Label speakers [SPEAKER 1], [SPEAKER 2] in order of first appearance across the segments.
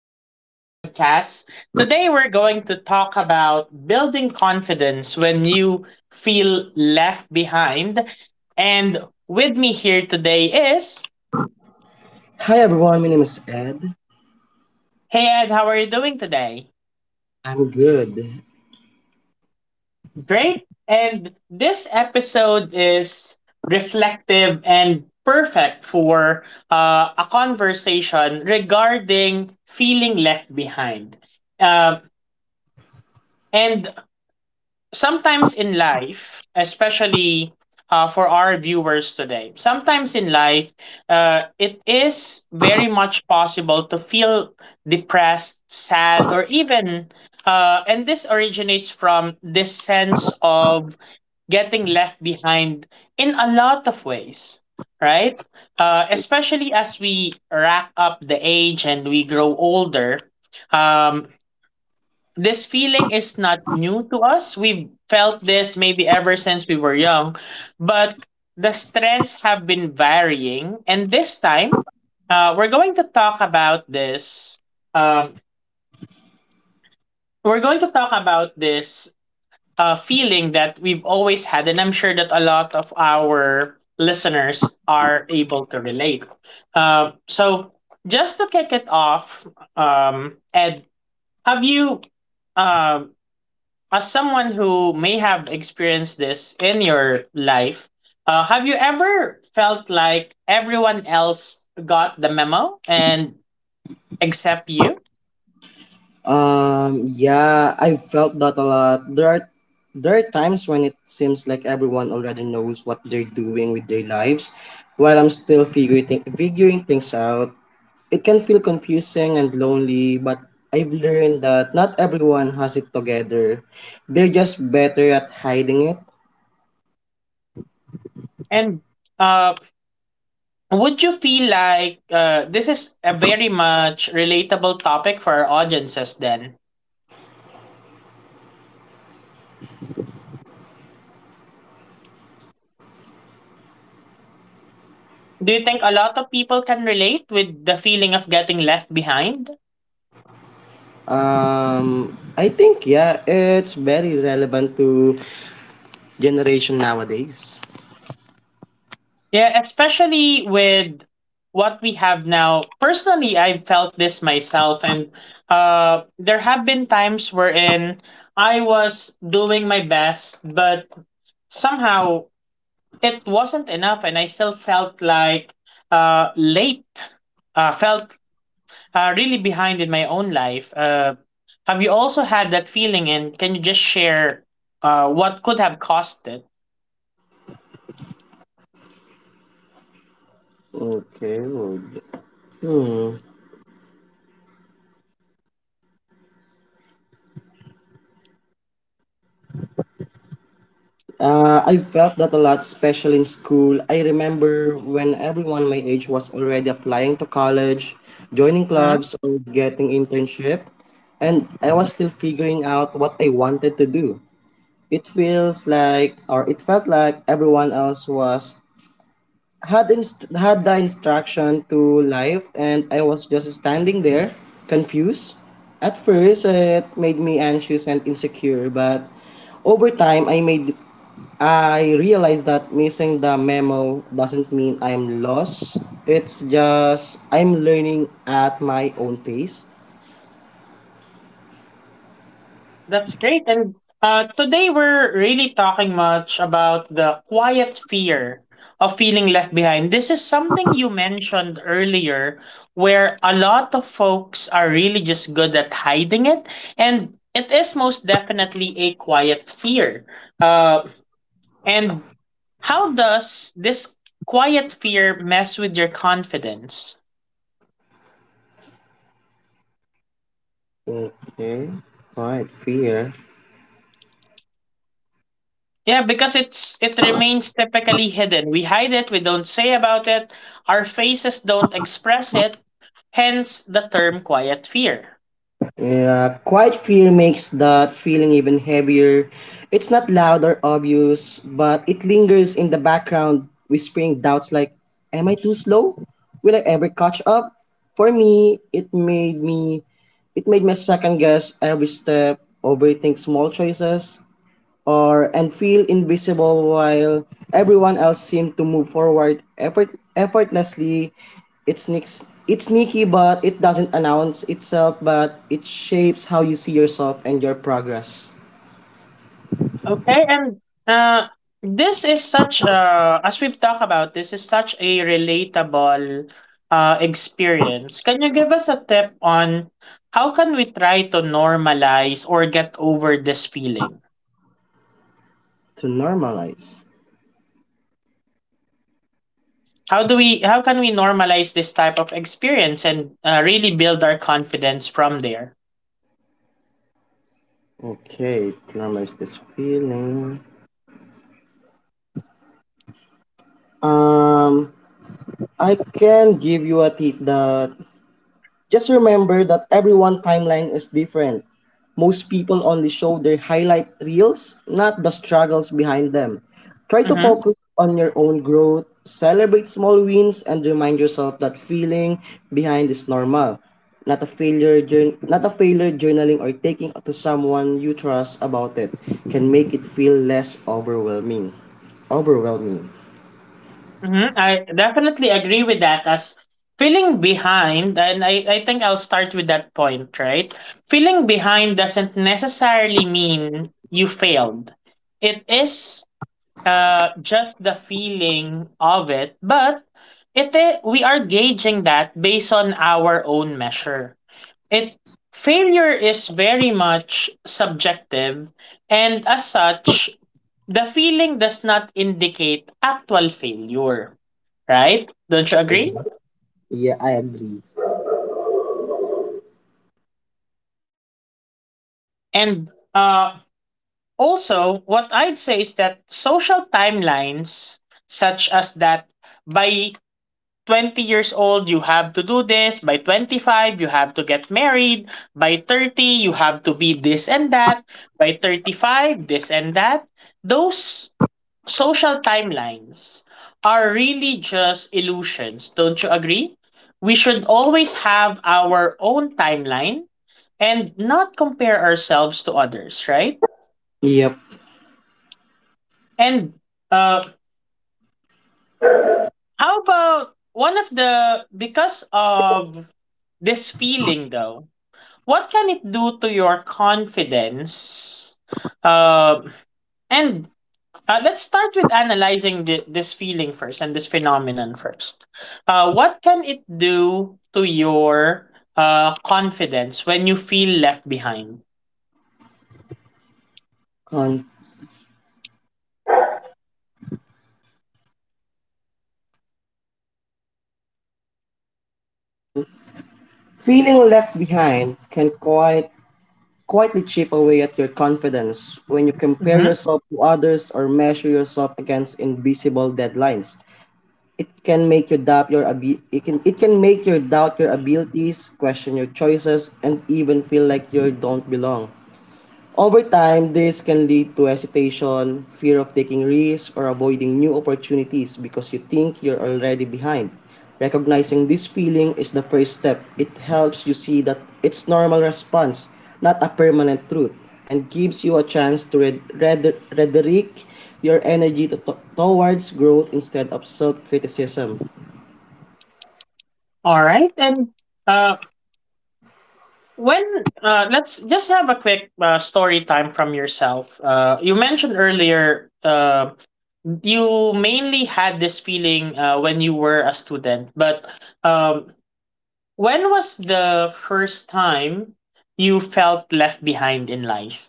[SPEAKER 1] my podcast. Today, we're going to talk about building confidence when you feel left behind. And with me here today is...
[SPEAKER 2] Hi everyone, my name is Ed.
[SPEAKER 1] Hey Ed, how are you doing today?
[SPEAKER 2] I'm good.
[SPEAKER 1] Great. And this episode is reflective and perfect for a conversation regarding feeling left behind. Uh, and sometimes in life, especially for our viewers today, sometimes in life, it is very much possible to feel depressed, sad, or even, and this originates from this sense of getting left behind in a lot of ways, right? Especially as we rack up the age and we grow older, um, this feeling is not new to us. We've felt this maybe ever since we were young, but the strengths have been varying. And this time, we're going to talk about this. Um, we're going to talk about this feeling that we've always had, and I'm sure that a lot of our listeners are able to relate. So, just to kick it off, Ed, have you, um, as someone who may have experienced this in your life, have you ever felt like everyone else got the memo and except you?
[SPEAKER 2] Yeah, I've felt that a lot. There are times when it seems like everyone already knows what they're doing with their lives, while I'm still figuring things out. It can feel confusing and lonely, but I've learned that not everyone has it together. They're just better at hiding it.
[SPEAKER 1] And um, would you feel like this is a very much relatable topic for our audiences, then do you think a lot of people can relate with the feeling of getting left behind?
[SPEAKER 2] I think yeah, it's very relevant to generation nowadays.
[SPEAKER 1] Yeah, especially with what we have now. Personally, I felt this myself, and there have been times wherein I was doing my best, but somehow it wasn't enough, and I still felt like late felt really behind in my own life. Have you also had that feeling, and can you just share what could have caused it?
[SPEAKER 2] Okay, well, hmm. I felt that a lot, especially in school. I remember when everyone my age was already applying to college, joining
[SPEAKER 1] Mhm.
[SPEAKER 2] clubs, or getting internship, and I was still figuring out what I wanted to do. It feels like, or it felt like everyone else was had the instruction to life and I was just standing there confused. At first it made me anxious and insecure, but over time I realized that missing the memo doesn't mean I'm lost. It's just I'm learning at my own pace.
[SPEAKER 1] That's great. And today we're really talking much about the quiet fear of feeling left behind. This is something you mentioned earlier, where a lot of folks are really just good at hiding it. And it is most definitely a quiet fear. Uh, and how does this quiet fear mess with your confidence?
[SPEAKER 2] Okay, quite fear.
[SPEAKER 1] Yeah, because it remains typically hidden. We hide it, we don't say about it, our faces don't express it, hence the term quiet fear.
[SPEAKER 2] Yeah, quiet fear makes that feeling even heavier. It's not loud or obvious, but it lingers in the background, whispering doubts like, am I too slow? Will I ever catch up? For me, it made me second guess every step, overthink small choices, or and feel invisible while everyone else seemed to move forward effortlessly. It's sneaky, but it doesn't announce itself, but it shapes how you see yourself and your progress.
[SPEAKER 1] Okay, and uh this is such as we've talked about, this is such a relatable experience. Can you give us a tip on how can we try to normalize or get over this feeling?
[SPEAKER 2] To normalize.
[SPEAKER 1] How do we how can we normalize this type of experience and really build our confidence from there?
[SPEAKER 2] Okay, to normalize this feeling. Um, I can give you a tip that just remember that everyone timeline is different. Most people only show their highlight reels, not the struggles behind them. Try to
[SPEAKER 1] Mm-hmm.
[SPEAKER 2] focus on your own growth, celebrate small wins, and remind yourself that feeling behind is normal. Not a failure, journaling or taking to someone you trust about it can make it feel less overwhelming. Overwhelming.
[SPEAKER 1] Mm-hmm. I definitely agree with that. As feeling behind, and I think I'll start with that point, right? Feeling behind doesn't necessarily mean you failed. It is just the feeling of it, but we are gauging that based on our own measure. It Failure is very much subjective, and as such, the feeling does not indicate actual failure, right? Don't you agree?
[SPEAKER 2] Yeah, I agree.
[SPEAKER 1] And uh, also, what I'd say is that social timelines, such as that by 20 years old, you have to do this, by 25 you have to get married, by 30 you have to be this and that, by 35 this and that, those social timelines are really just illusions, don't you agree? We should always have our own timeline and not compare ourselves to others, right?
[SPEAKER 2] Yep.
[SPEAKER 1] And uh, how about one of the, because of this feeling though, what can it do to your confidence? Uh, and Let's start with analyzing this feeling first and this phenomenon first. What can it do to your confidence when you feel left behind?
[SPEAKER 2] And feeling left behind can quite quietly chip away at your confidence when you compare
[SPEAKER 1] Mhm.
[SPEAKER 2] yourself to others or measure yourself against invisible deadlines. It can make you doubt your abi- it can make you doubt your abilities, question your choices, and even feel like you don't belong. Over time, this can lead to hesitation, fear of taking risks, or avoiding new opportunities because you think you're already behind. Recognizing this feeling is the first step. It helps you see that it's normal response, not a permanent truth, and gives you a chance to redirect your energy towards growth instead of self-criticism.
[SPEAKER 1] All right. And uh, When let's just have a quick story time from yourself. You mentioned earlier you mainly had this feeling when you were a student, but um, when was the first time you felt left behind in life?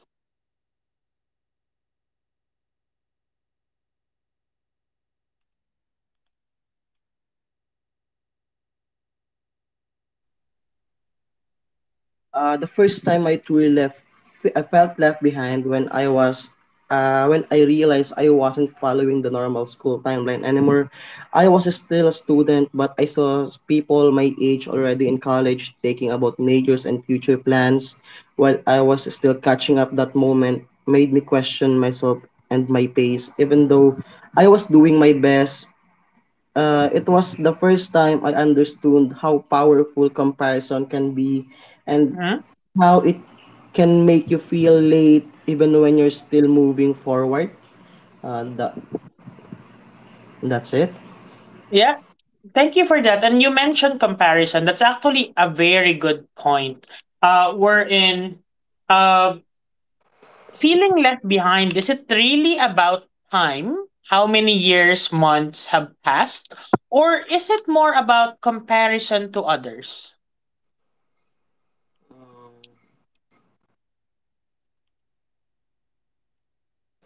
[SPEAKER 2] The first time I truly left, I felt left behind when when I realized I wasn't following the normal school timeline anymore. I was still a student, but I saw people my age already in college taking about majors and future plans. While I was still catching up, that moment made me question myself and my pace, even though I was doing my best. It was the first time I understood how powerful comparison can be and
[SPEAKER 1] Mhm.
[SPEAKER 2] how it can make you feel late even when you're still moving forward. Uh, that, that's it.
[SPEAKER 1] Yeah, thank you for that. And you mentioned comparison. That's actually a very good point. Wherein, in Feeling left behind, is it really about time? How many years, months have passed? Or is it more about comparison to others?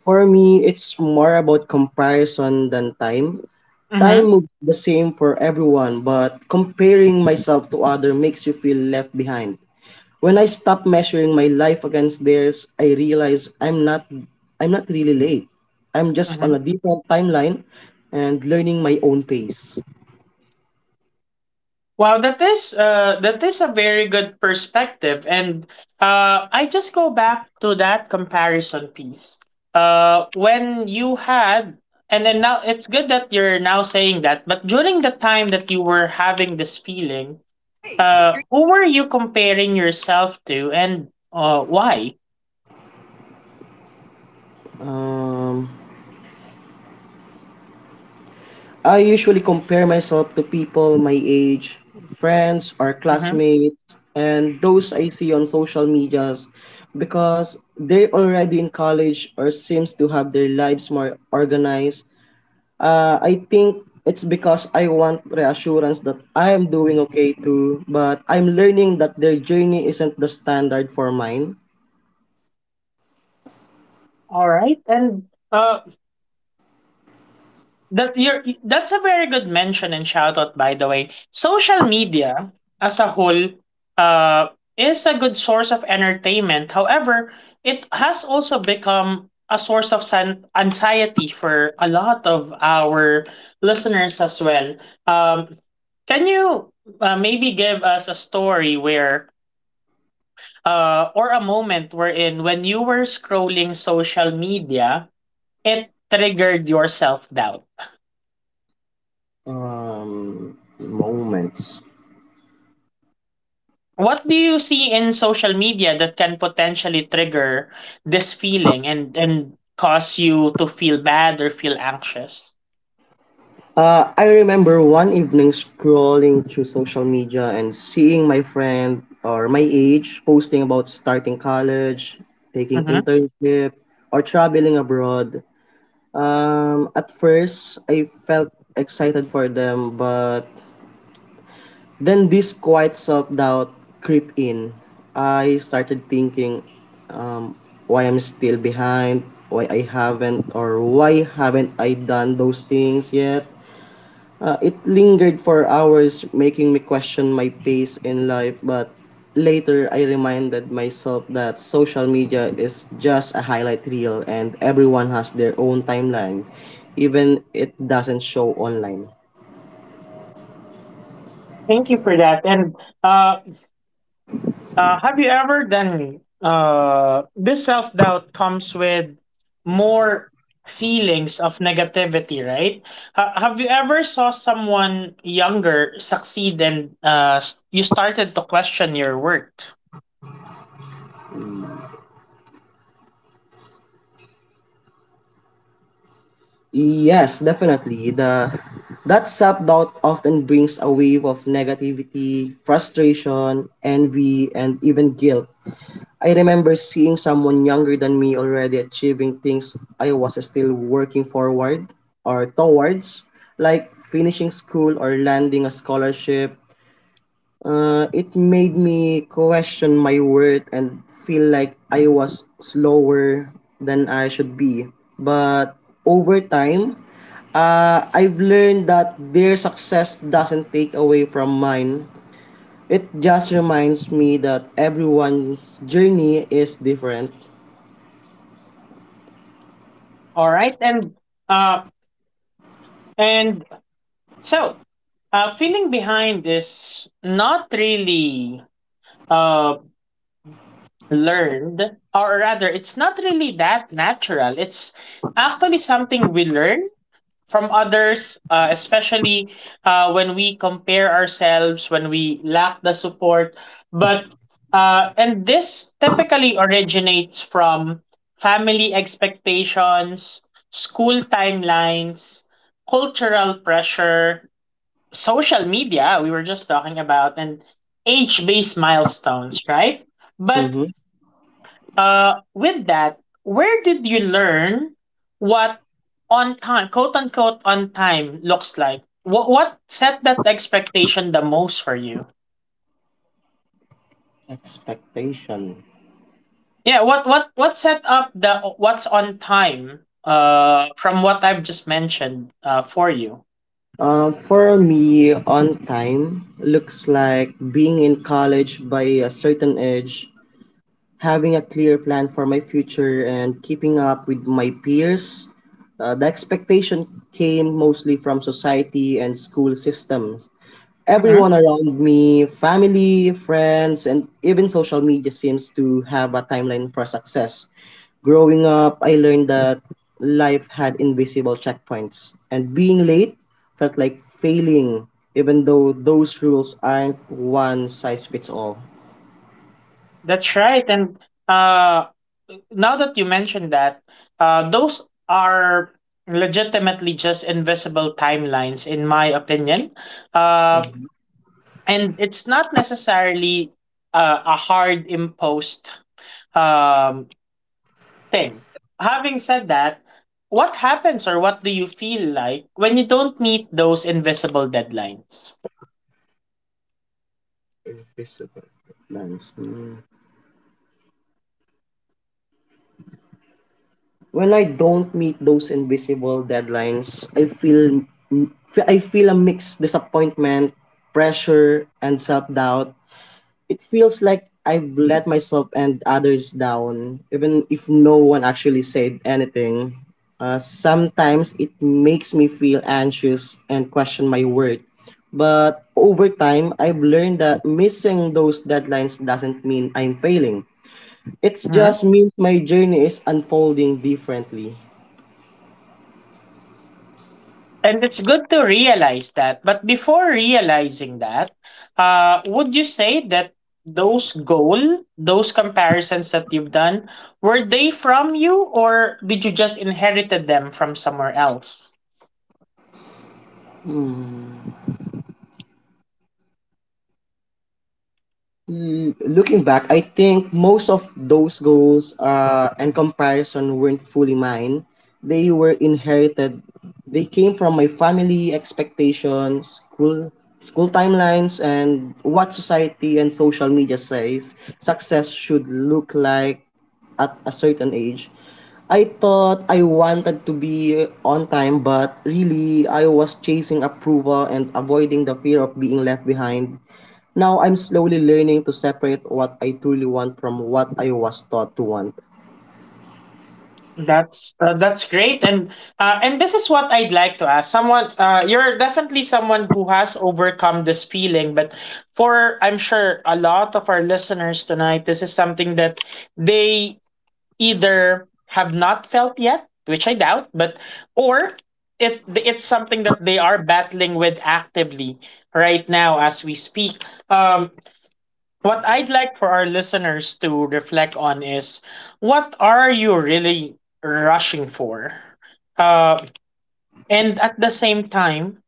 [SPEAKER 2] For me, it's more about comparison than time. Time
[SPEAKER 1] Mm-hmm.
[SPEAKER 2] moves the same for everyone, but comparing myself to other makes you feel left behind. When I stop measuring my life against theirs, I realize I'm not really late. I'm just on
[SPEAKER 1] Mm-hmm.
[SPEAKER 2] a different timeline and learning my own pace.
[SPEAKER 1] Wow, that is a very good perspective, and I just go back to that comparison piece. Uh, when you had, and then now it's good that you're now saying that, but during the time that you were having this feeling, who were you comparing yourself to, and why?
[SPEAKER 2] Um, I usually compare myself to people my age, friends or
[SPEAKER 1] Mhm.
[SPEAKER 2] classmates, and those I see on social medias because they're already in college or seems to have their lives more organized. I think it's because I want reassurance that I am doing okay too, but I'm learning that their journey isn't the standard for mine.
[SPEAKER 1] All right, and that's a very good mention and shout out, by the way. Social media as a whole, uh, is a good source of entertainment. However, it has also become a source of anxiety for a lot of our listeners as well. Um, can you maybe give us a story where or a moment wherein when you were scrolling social media, it triggered your self doubt.
[SPEAKER 2] Moments.
[SPEAKER 1] What do you see in social media that can potentially trigger this feeling and, cause you to feel bad or feel anxious?
[SPEAKER 2] I remember one evening scrolling through social media and seeing my friend or my age posting about starting college, taking
[SPEAKER 1] Mhm.
[SPEAKER 2] internship, or traveling abroad. At first, I felt excited for them, but then this quiet self-doubt creep in. I started thinking, um, why I'm still behind, why haven't I done those things yet? It lingered for hours, making me question my pace in life, but later I reminded myself that social media is just a highlight reel and everyone has their own timeline, even it doesn't show online.
[SPEAKER 1] Thank you for that. And uh, have you ever done this self doubt comes with more feelings of negativity, right? Have you ever saw someone younger succeed and you started to question your worth?
[SPEAKER 2] Yes, definitely. The That self-doubt often brings a wave of negativity, frustration, envy, and even guilt. I remember seeing someone younger than me already achieving things I was still working forward or towards, like finishing school or landing a scholarship. It made me question my worth and feel like I was slower than I should be. But over time, I've learned that their success doesn't take away from mine. It just reminds me that everyone's journey is different.
[SPEAKER 1] All right, uh, and So, feeling behind is not really uh, learned, or rather, it's not really that natural. It's actually something we learn from others, especially when we compare ourselves, when we lack the support. But, and this typically originates from family expectations, school timelines, cultural pressure, social media we were just talking about, and age based milestones, right? but
[SPEAKER 2] Mm-hmm.
[SPEAKER 1] With that, where did you learn what on time quote unquote on time looks like? What set that expectation the most for you?
[SPEAKER 2] Expectation.
[SPEAKER 1] Yeah, what set up the what's on time from what I've just mentioned for you?
[SPEAKER 2] For me, on time looks like being in college by a certain age, having a clear plan for my future and keeping up with my peers. The expectation came mostly from society and school systems.
[SPEAKER 1] Mm-hmm.
[SPEAKER 2] Everyone around me, family, friends, and even social media seems to have a timeline for success. Growing up, I learned that life had invisible checkpoints, and being late felt like failing, even though those rules aren't one size fits all.
[SPEAKER 1] That's right. And uh, now that you mentioned that, those are legitimately just invisible timelines, in my opinion. Uh, and it's not necessarily a hard imposed um, thing. Having said that, what happens or what do you feel like when you don't meet those invisible deadlines?
[SPEAKER 2] Visible plans. When I don't meet those invisible deadlines, I feel a mixed disappointment, pressure, and self-doubt. It feels like I've let myself and others down, even if no one actually said anything. Sometimes it makes me feel anxious and question my worth. But over time, I've learned that missing those deadlines doesn't mean I'm failing. It
[SPEAKER 1] Mm-hmm.
[SPEAKER 2] just means my journey is unfolding differently.
[SPEAKER 1] And it's good to realize that. But before realizing that, would you say that those goal, those comparisons that you've done, were they from you, or did you just inherited them from somewhere else?
[SPEAKER 2] Looking back, I think most of those goals and comparison weren't fully mine. They were inherited. They came from my family expectations, school timelines, and what society and social media says success should look like at a certain age. I thought I wanted to be on time, but really I was chasing approval and avoiding the fear of being left behind. Now I'm slowly learning to separate what I truly want from what I was taught to want.
[SPEAKER 1] That's great, and this is what I'd like to ask. Someone, you're definitely someone who has overcome this feeling, but for I'm sure a lot of our listeners tonight, this is something that they either have not felt yet, which I doubt, but or it's something that they are battling with actively right now as we speak. Um, what I'd like for our listeners to reflect on is what are you really rushing for? Uh, and at the same time,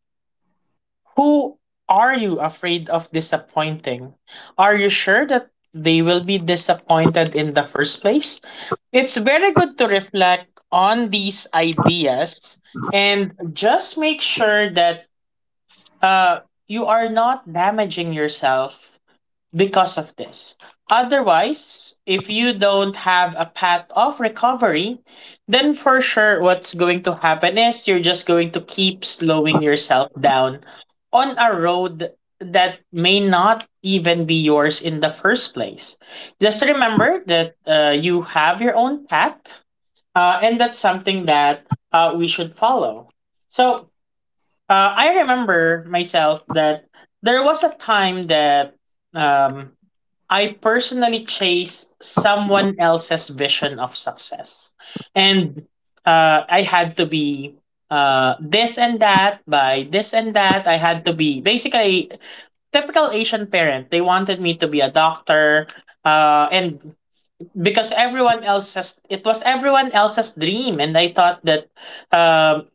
[SPEAKER 1] who are you afraid of disappointing? Are you sure that they will be disappointed in the first place? It's very good to reflect on these ideas and just make sure that uh, you are not damaging yourself because of this. Otherwise, if you don't have a path of recovery, then for sure what's going to happen is you're just going to keep slowing yourself down on a road that may not even be yours in the first place. Just remember that you have your own path, and that's something that we should follow. So I remember myself that there was a time that um, I personally chase someone else's vision of success. And I had to be this and that by this and that. I had to be basically typical Asian parent. They wanted me to be a doctor. And Because everyone else's, it was everyone else's dream. And I thought that um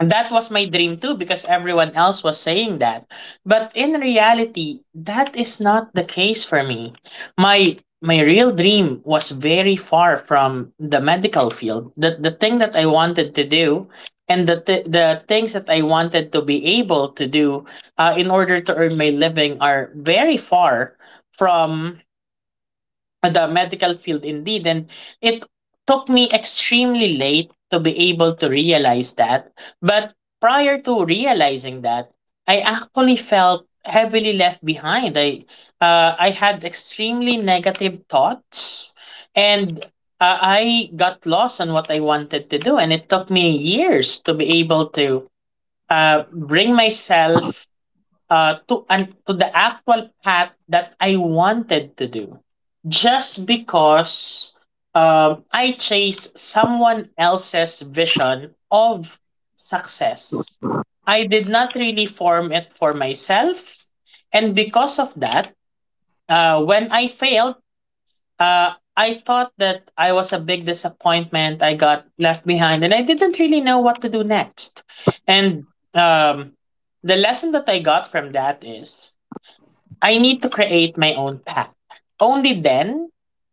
[SPEAKER 1] And that was my dream too, because everyone else was saying that. But in reality, that is not the case for me. My real dream was very far from the medical field. The thing that I wanted to do and the things that I wanted to be able to do in order to earn my living are very far from the medical field indeed, and it took me extremely late to be able to realize that. But prior to realizing that, I actually felt heavily left behind. I had extremely negative thoughts, and I got lost on what I wanted to do, and it took me years to be able to bring myself to the actual path that I wanted to do, just because I chase someone else's vision of success. I did not really form it for myself, and because of that, when I failed, I thought that I was a big disappointment. I got left behind, and I didn't really know what to do next. And um, the lesson that I got from that is I need to create my own path. Only then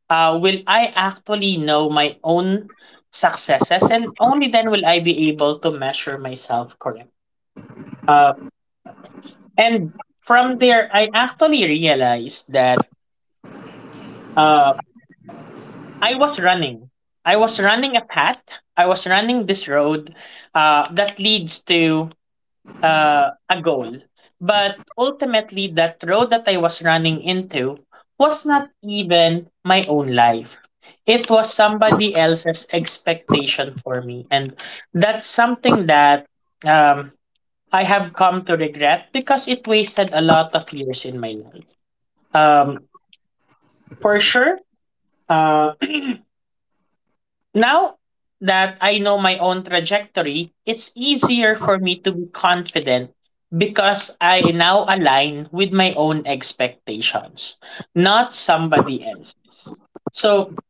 [SPEAKER 1] will I actually know my own successes, and only then will I be able to measure myself correctly. Uh, and from there, I actually realized that uh, I was running. I was running a path. I was running this road that leads to a goal. But ultimately, that road that I was running into was not even my own life. It was somebody else's expectation for me. And that's something that um, I have come to regret because it wasted a lot of years in my life. Um, for sure, uh, Now that I know my own trajectory, it's easier for me to be confident because I now align with my own expectations, not somebody else's. So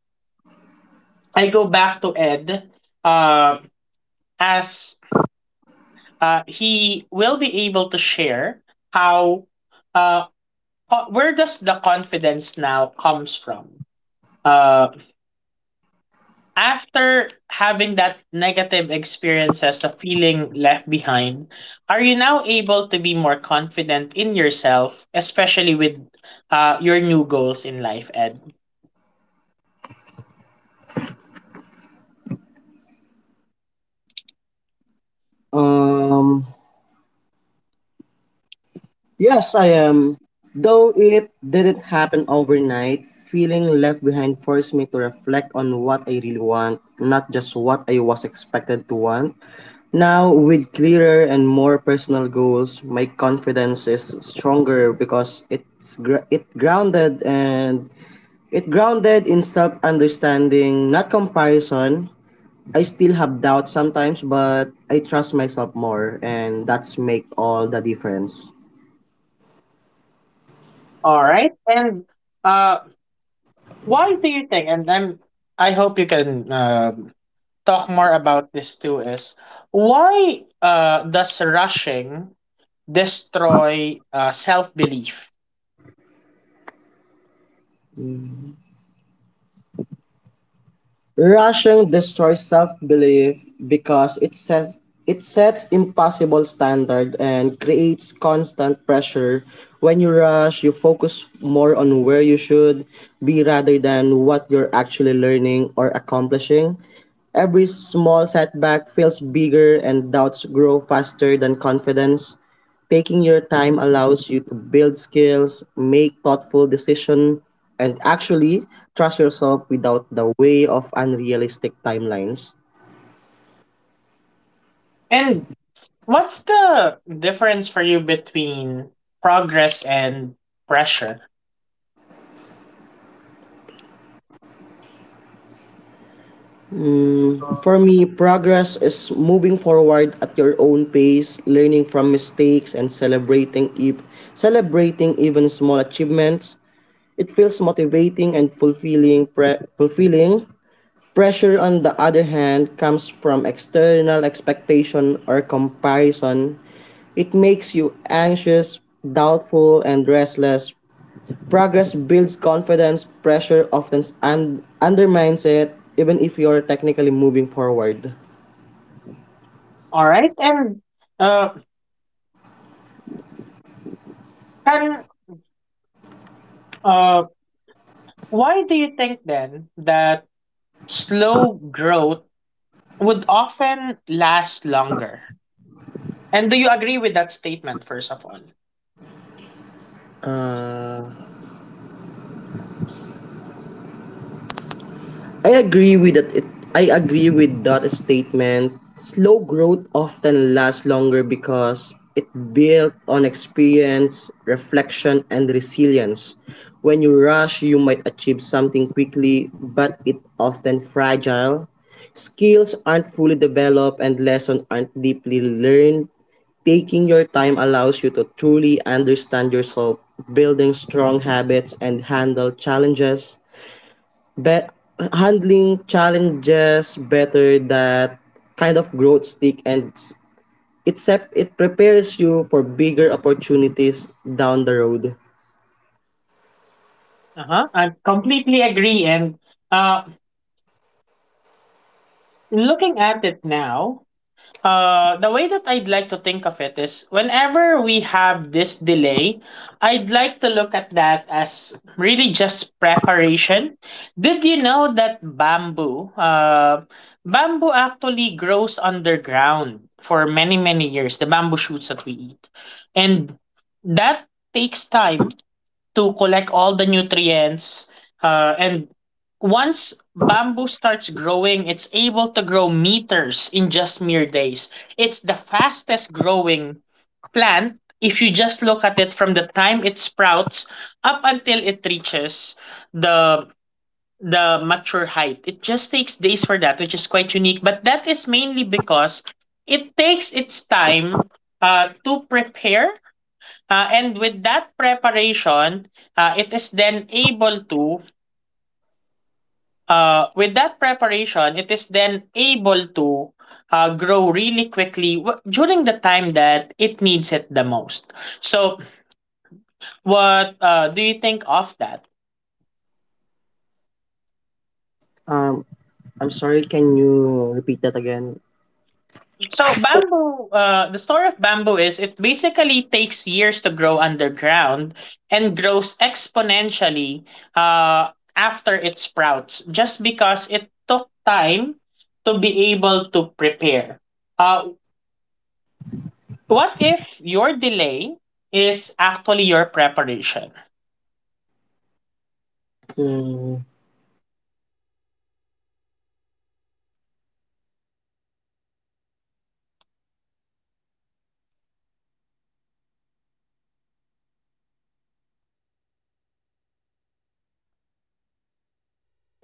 [SPEAKER 1] I go back to Ed, uh, as he will be able to share how, uh, where does the confidence now comes from? Uh, After having that negative experiences of feeling left behind, are you now able to be more confident in yourself, especially with your new goals in life, Ed?
[SPEAKER 2] Um, yes, I am. Though it didn't happen overnight, feeling left behind forced me to reflect on what I really want, not just what I was expected to want. Now, with clearer and more personal goals, my confidence is stronger because it's it grounded in self understanding, not comparison. I still have doubts sometimes, but I trust myself more, and that's make all the difference.
[SPEAKER 1] All right. And uh, why do you think? I hope you can talk more about this too. Is Why does rushing destroy self belief?
[SPEAKER 2] Rushing destroys self-belief because it sets impossible standard and creates constant pressure. When you rush, you focus more on where you should be rather than what you're actually learning or accomplishing. Every small setback feels bigger and doubts grow faster than confidence. Taking your time allows you to build skills, make thoughtful decisions, and actually trust yourself without the way of unrealistic timelines.
[SPEAKER 1] And what's the difference for you between progress and pressure?
[SPEAKER 2] For me, progress is moving forward at your own pace, learning from mistakes and celebrating even small achievements. It feels motivating and fulfilling. Pressure, on the other hand, comes from external expectation or comparison. It makes you anxious, doubtful, and restless. Progress builds confidence, pressure often undermines it, even if you're technically moving forward.
[SPEAKER 1] All right, uh, and uh, why do you think then that slow growth would often last longer? And do you agree with that statement? First of all,
[SPEAKER 2] Uh, I agree with that. It, I agree with that statement. Slow growth often lasts longer because it built on experience, reflection, and resilience. When you rush, you might achieve something quickly, but it often fragile. Skills aren't fully developed and lessons aren't deeply learned. Taking your time allows you to truly understand yourself, building strong habits, and handle challenges But handling challenges better. That kind of growth stick and s- except it prepares you for bigger opportunities down the road.
[SPEAKER 1] uh huh, I completely agree. And uh, Looking at it now, the way that I'd like to think of it is whenever we have this delay, I'd like to look at that as really just preparation. Did you know that bamboo actually grows underground for many, many years, the bamboo shoots that we eat. And that takes time to collect all the nutrients. And once bamboo starts growing, it's able to grow meters in just mere days. It's the fastest growing plant if you just look at it from the time it sprouts up until it reaches the the mature height. It just takes days for that, which is quite unique. But that is mainly because it takes its time to prepare. And with that preparation, it is then able to, With that preparation, it is then able to grow really quickly during the time that it needs it the most. So, what do you think of that?
[SPEAKER 2] Um, I'm sorry, can you repeat that again?
[SPEAKER 1] So the story of bamboo is it basically takes years to grow underground and grows exponentially after it sprouts, just because it took time to be able to prepare. Uh, what if your delay is actually your preparation?
[SPEAKER 2] Hmm.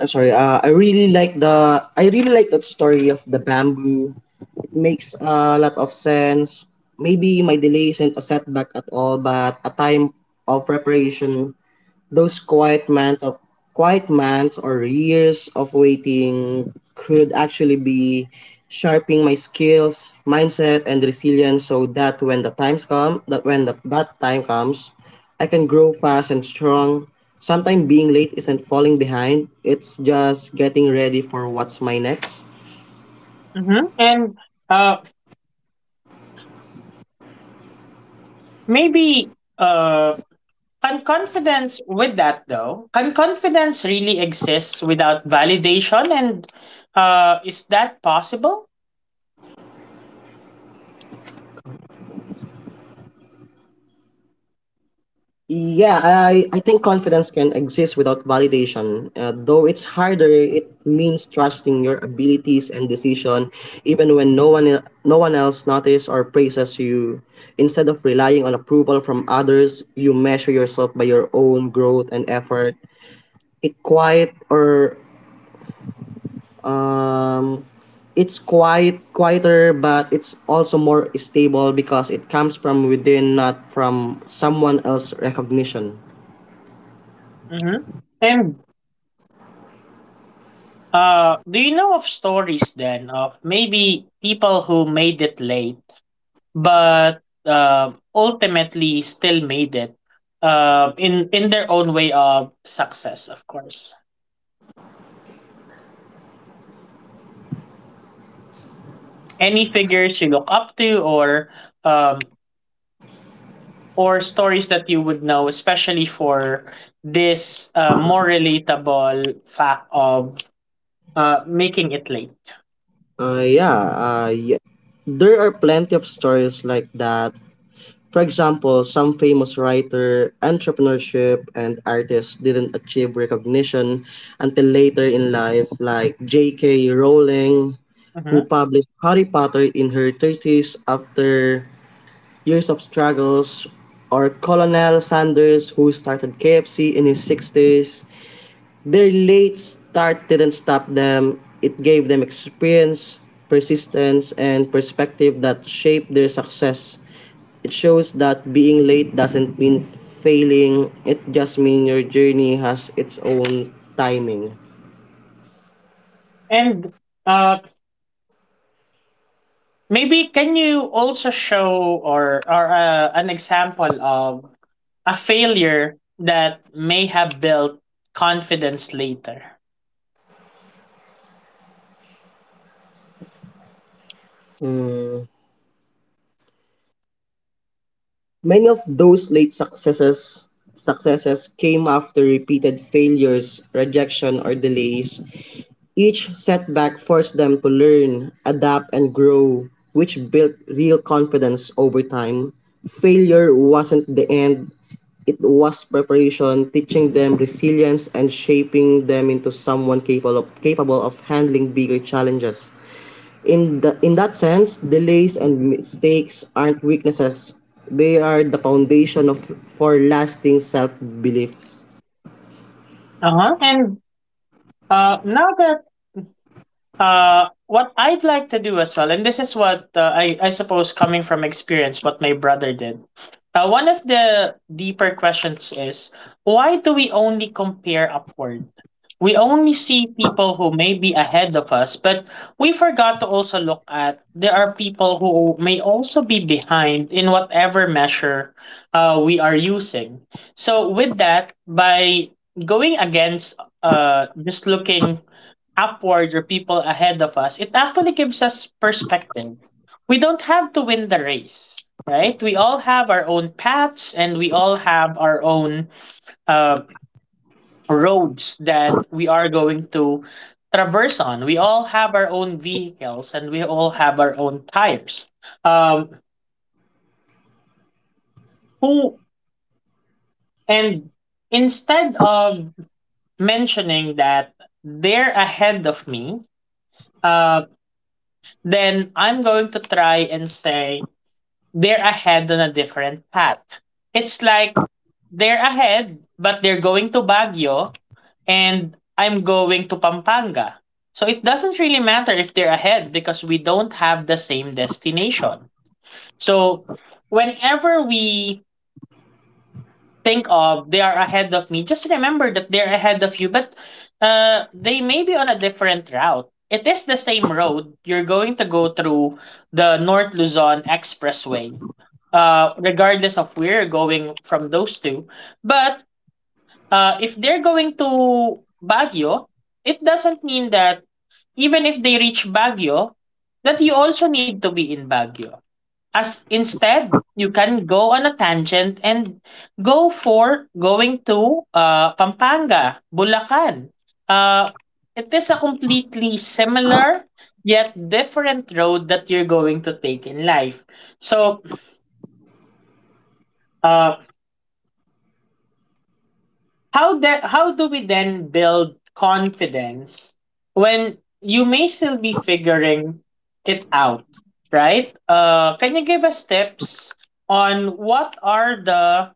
[SPEAKER 2] I'm sorry. I really like that story of the bamboo. It makes a lot of sense. Maybe my delay isn't a setback at all, but a time of preparation. Those quiet months of quiet months or years of waiting could actually be sharpening my skills, mindset and resilience so that when the times come that when the, that time comes, I can grow fast and strong. Sometimes being late isn't falling behind, it's just getting ready for what's my next.
[SPEAKER 1] Mm-hmm. And uh, maybe Can confidence with that though? Can confidence really exist without validation? And Is that possible?
[SPEAKER 2] Yeah, I think confidence can exist without validation. Though it's harder, it means trusting your abilities and decision, even when no one else notices or praises you. Instead of relying on approval from others, you measure yourself by your own growth and effort. It quiet or um, it's quieter, but it's also more stable because it comes from within, not from someone else's recognition.
[SPEAKER 1] Hmm. And Do you know of stories then of maybe people who made it late, but ultimately still made it in their own way of success? Of course. Any figures you look up to, um, or stories that you would know, especially for this more relatable fact of making it late.
[SPEAKER 2] Yeah. There are plenty of stories like that. For example, some famous writer, entrepreneurship, and artists didn't achieve recognition until later in life, like J.K. Rowling, who
[SPEAKER 1] Mhm.
[SPEAKER 2] published Harry Potter in her 30s after years of struggles, or Colonel Sanders, who started KFC in his 60s. Their late start didn't stop them. It gave them experience, persistence, and perspective that shaped their success. It shows that being late doesn't mean failing. It just means your journey has its own timing.
[SPEAKER 1] And uh, Maybe can you also show or an example of a failure that may have built confidence later?
[SPEAKER 2] Many of those late successes successes came after repeated failures, rejection, or delays. Each setback forced them to learn, adapt, and grow, which built real confidence over time. Failure wasn't the end, it was preparation, teaching them resilience and shaping them into someone capable of handling bigger challenges. In that sense, delays and mistakes aren't weaknesses. They are the foundation of for lasting self-beliefs.
[SPEAKER 1] Uh-huh. And now that What I'd like to do as well, and this is what I suppose coming from experience, what my brother did. One of the deeper questions is why do we only compare upward? We only see people who may be ahead of us, but we forgot to also look at there are people who may also be behind in whatever measure we are using. So, with that, by going against just looking upward or people ahead of us, it actually gives us perspective. We don't have to win the race, right? We all have our own paths and we all have our own uh, roads that we are going to traverse on. We all have our own vehicles and we all have our own tires. Um, who and Instead of mentioning that they're ahead of me, uh, then I'm going to try and say they're ahead on a different path. It's like they're ahead, but they're going to Baguio and I'm going to Pampanga. So it doesn't really matter if they're ahead because we don't have the same destination. So whenever we think of they are ahead of me, just remember that they're ahead of you, but they may be on a different route. It is the same road. You're going to go through the North Luzon Expressway, regardless of where you're going from those two. But if they're going to Baguio, it doesn't mean that even if they reach Baguio, that you also need to be in Baguio. As instead, you can go on a tangent and go for going to Pampanga, Bulacan. Uh, it is a completely similar yet different road that you're going to take in life. So, uh, how do we then build confidence when you may still be figuring it out, right? Can you give us tips on what are the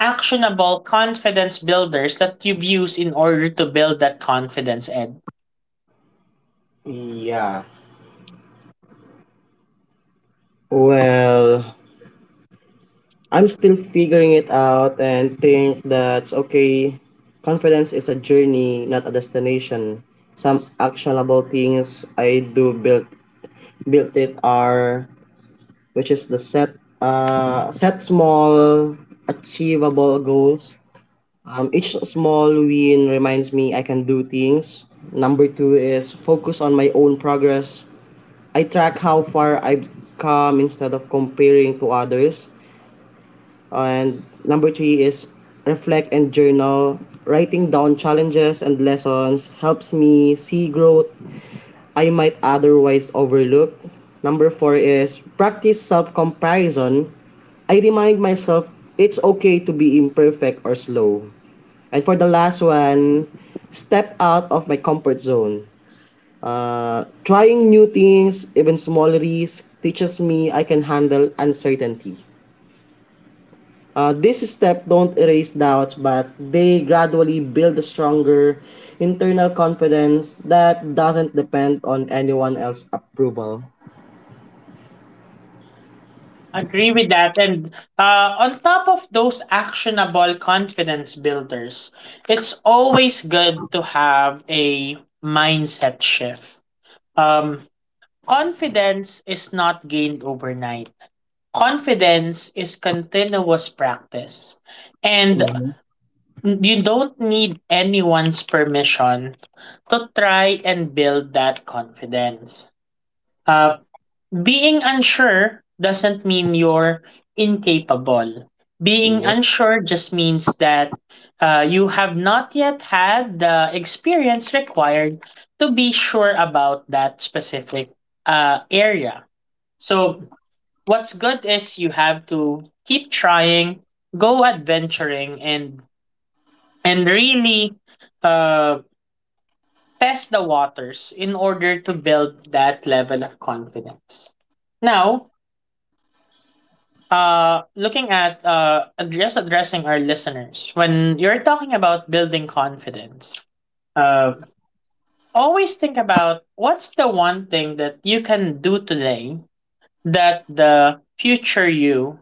[SPEAKER 1] actionable confidence builders that you've used in order to build that confidence, Ed.
[SPEAKER 2] Yeah. Well, I'm still figuring it out and think that's okay. Confidence is a journey, not a destination. Some actionable things I do build built it are which is the set set small achievable goals. Each small win reminds me I can do things. Number two is focus on my own progress. I track how far I've come instead of comparing to others. And number three is reflect and journal. Writing down challenges and lessons helps me see growth I might otherwise overlook. Number four is practice self comparison. I remind myself it's okay to be imperfect or slow. And for the last one, step out of my comfort zone. Trying new things, even small risks, teaches me I can handle uncertainty. This step don't erase doubts, but they gradually build a stronger internal confidence that doesn't depend on anyone else's approval.
[SPEAKER 1] Agree with that. And On top of those actionable confidence builders, it's always good to have a mindset shift. Um, Confidence is not gained overnight. Confidence is continuous practice. And
[SPEAKER 2] Mhm.
[SPEAKER 1] you don't need anyone's permission to try and build that confidence. Uh, Being unsure doesn't mean you're incapable. Being
[SPEAKER 2] Yep.
[SPEAKER 1] unsure just means that you have not yet had the experience required to be sure about that specific area. So, what's good is you have to keep trying, go adventuring, and really uh, test the waters in order to build that level of confidence. Now, looking at just addressing our listeners, when you're talking about building confidence, uh, always think about what's the one thing that you can do today that the future you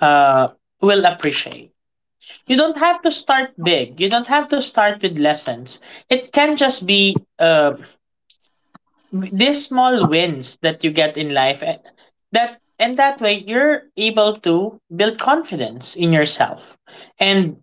[SPEAKER 1] uh, will appreciate. You don't have to start big. You don't have to start with lessons. It can just be these small wins that you get in life and that way you're able to build confidence in yourself and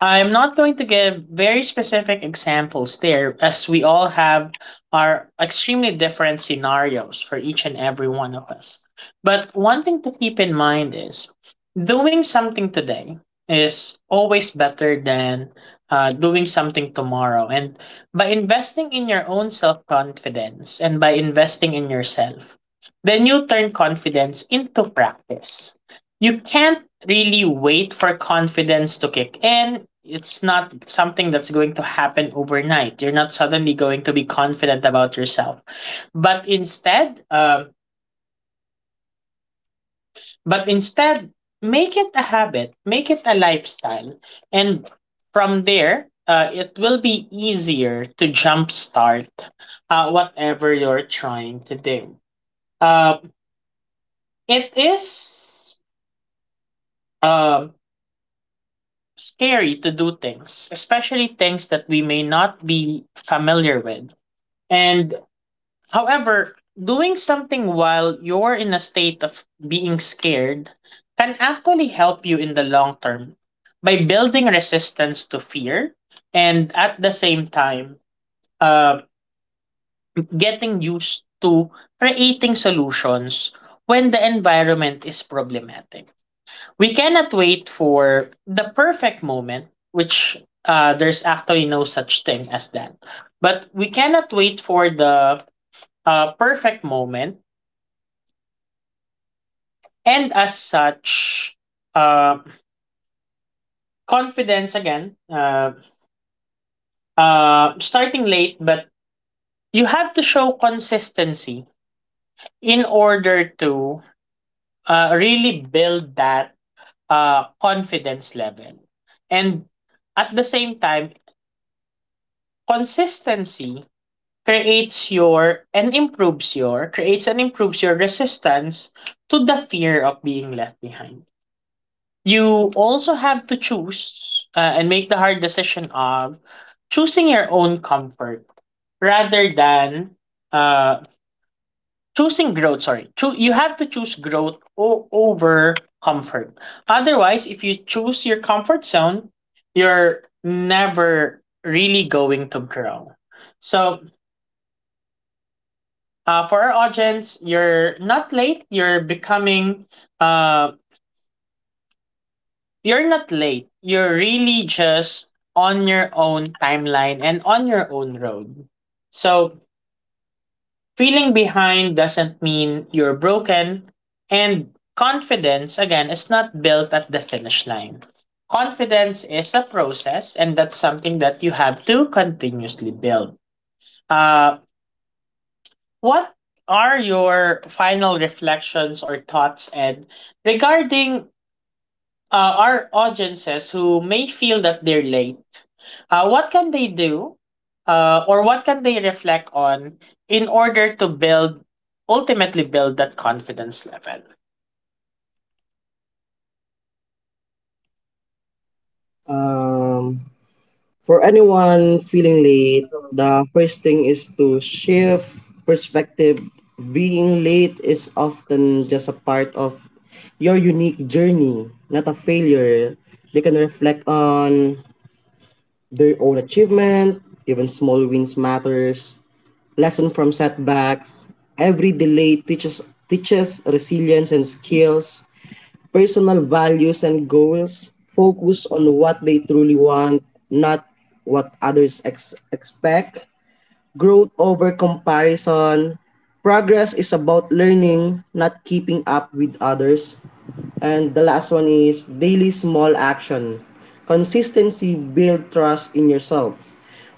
[SPEAKER 1] I'm not going to give very specific examples there, as we all have our extremely different scenarios for each and every one of us. But one thing to keep in mind is doing something today is always better than doing something tomorrow. And by investing in your own self confidence and by investing in yourself, then you turn confidence into practice. You can't really wait for confidence to kick in. It's not something that's going to happen overnight. You're not suddenly going to be confident about yourself. But instead, um, but instead, make it a habit, make it a lifestyle, and from there, it will be easier to jumpstart whatever you're trying to do. Uh, it is um scary to do things, especially things that we may not be familiar with. And however, doing something while you're in a state of being scared can actually help you in the long term by building resistance to fear and at the same time uh, getting used to creating solutions when the environment is problematic. We cannot wait for the perfect moment, which there's actually no such thing as that. But we cannot wait for the perfect moment, and as such, uh, confidence again, uh, starting late, but you have to show consistency in order to really build that confidence level. And at the same time, consistency creates your and improves your creates and improves your resistance to the fear of being left behind. You also have to choose and make the hard decision of choosing your own comfort rather than uh, choosing growth. Sorry, Cho- you have to choose growth over comfort. Otherwise, if you choose your comfort zone, you're never really going to grow. So for our audience, uh, you're not late. You're really just on your own timeline and on your own road. So feeling behind doesn't mean you're broken, and confidence again is not built at the finish line. Confidence is a process, and that's something that you have to continuously build. Uh, What are your final reflections or thoughts, Ed, regarding our audiences who may feel that they're late? What can they do or what can they reflect on in order to build, ultimately build that confidence level?
[SPEAKER 2] Um, for anyone feeling late, the first thing is to shift perspective. Being late is often just a part of your unique journey, not a failure. They can reflect on their own achievement, even small wins matters, lesson from setbacks. Every delay teaches resilience and skills, personal values and goals. Focus on what they truly want, not what others expect. Growth over comparison. Progress is about learning, not keeping up with others. And the last one is daily small action. Consistency build trust in yourself.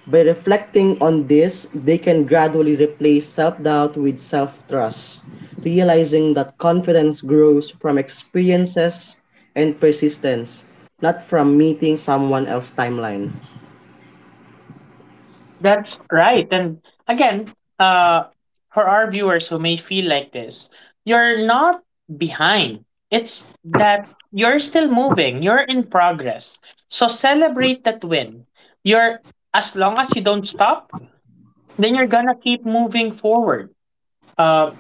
[SPEAKER 2] By reflecting on this, they can gradually replace self-doubt with self-trust, realizing that confidence grows from experiences and persistence, not from meeting someone else's timeline.
[SPEAKER 1] That's right. And again, uh, for our viewers who may feel like this, you're not behind. It's that you're still moving, you're in progress. So celebrate that win. You're As long as you don't stop, then you're gonna keep moving forward. Uh,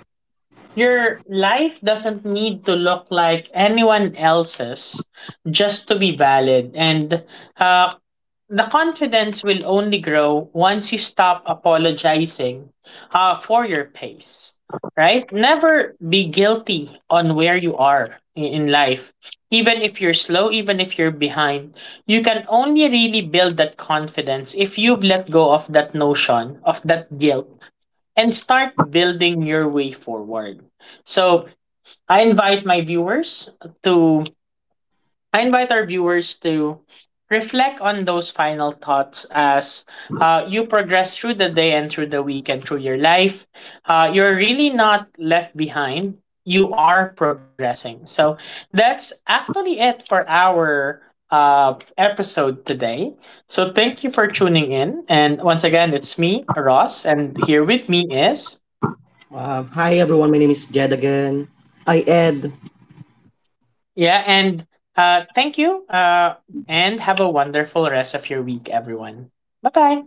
[SPEAKER 1] your life doesn't need to look like anyone else's just to be valid. And uh, the confidence will only grow once you stop apologizing for your pace, right? Never be guilty on where you are in life. Even if you're slow, even if you're behind, you can only really build that confidence if you've let go of that notion, of that guilt and start building your way forward. So I invite my viewers to I invite our viewers to reflect on those final thoughts as you progress through the day and through the week and through your life. You're really not left behind. You are progressing. So that's actually it for our episode today. So thank you for tuning in. And once again, it's me, Ross, and here with me is
[SPEAKER 2] Hi everyone, my name is Jed again. I Ed.
[SPEAKER 1] Yeah, and thank you. And have a wonderful rest of your week, everyone. Bye bye.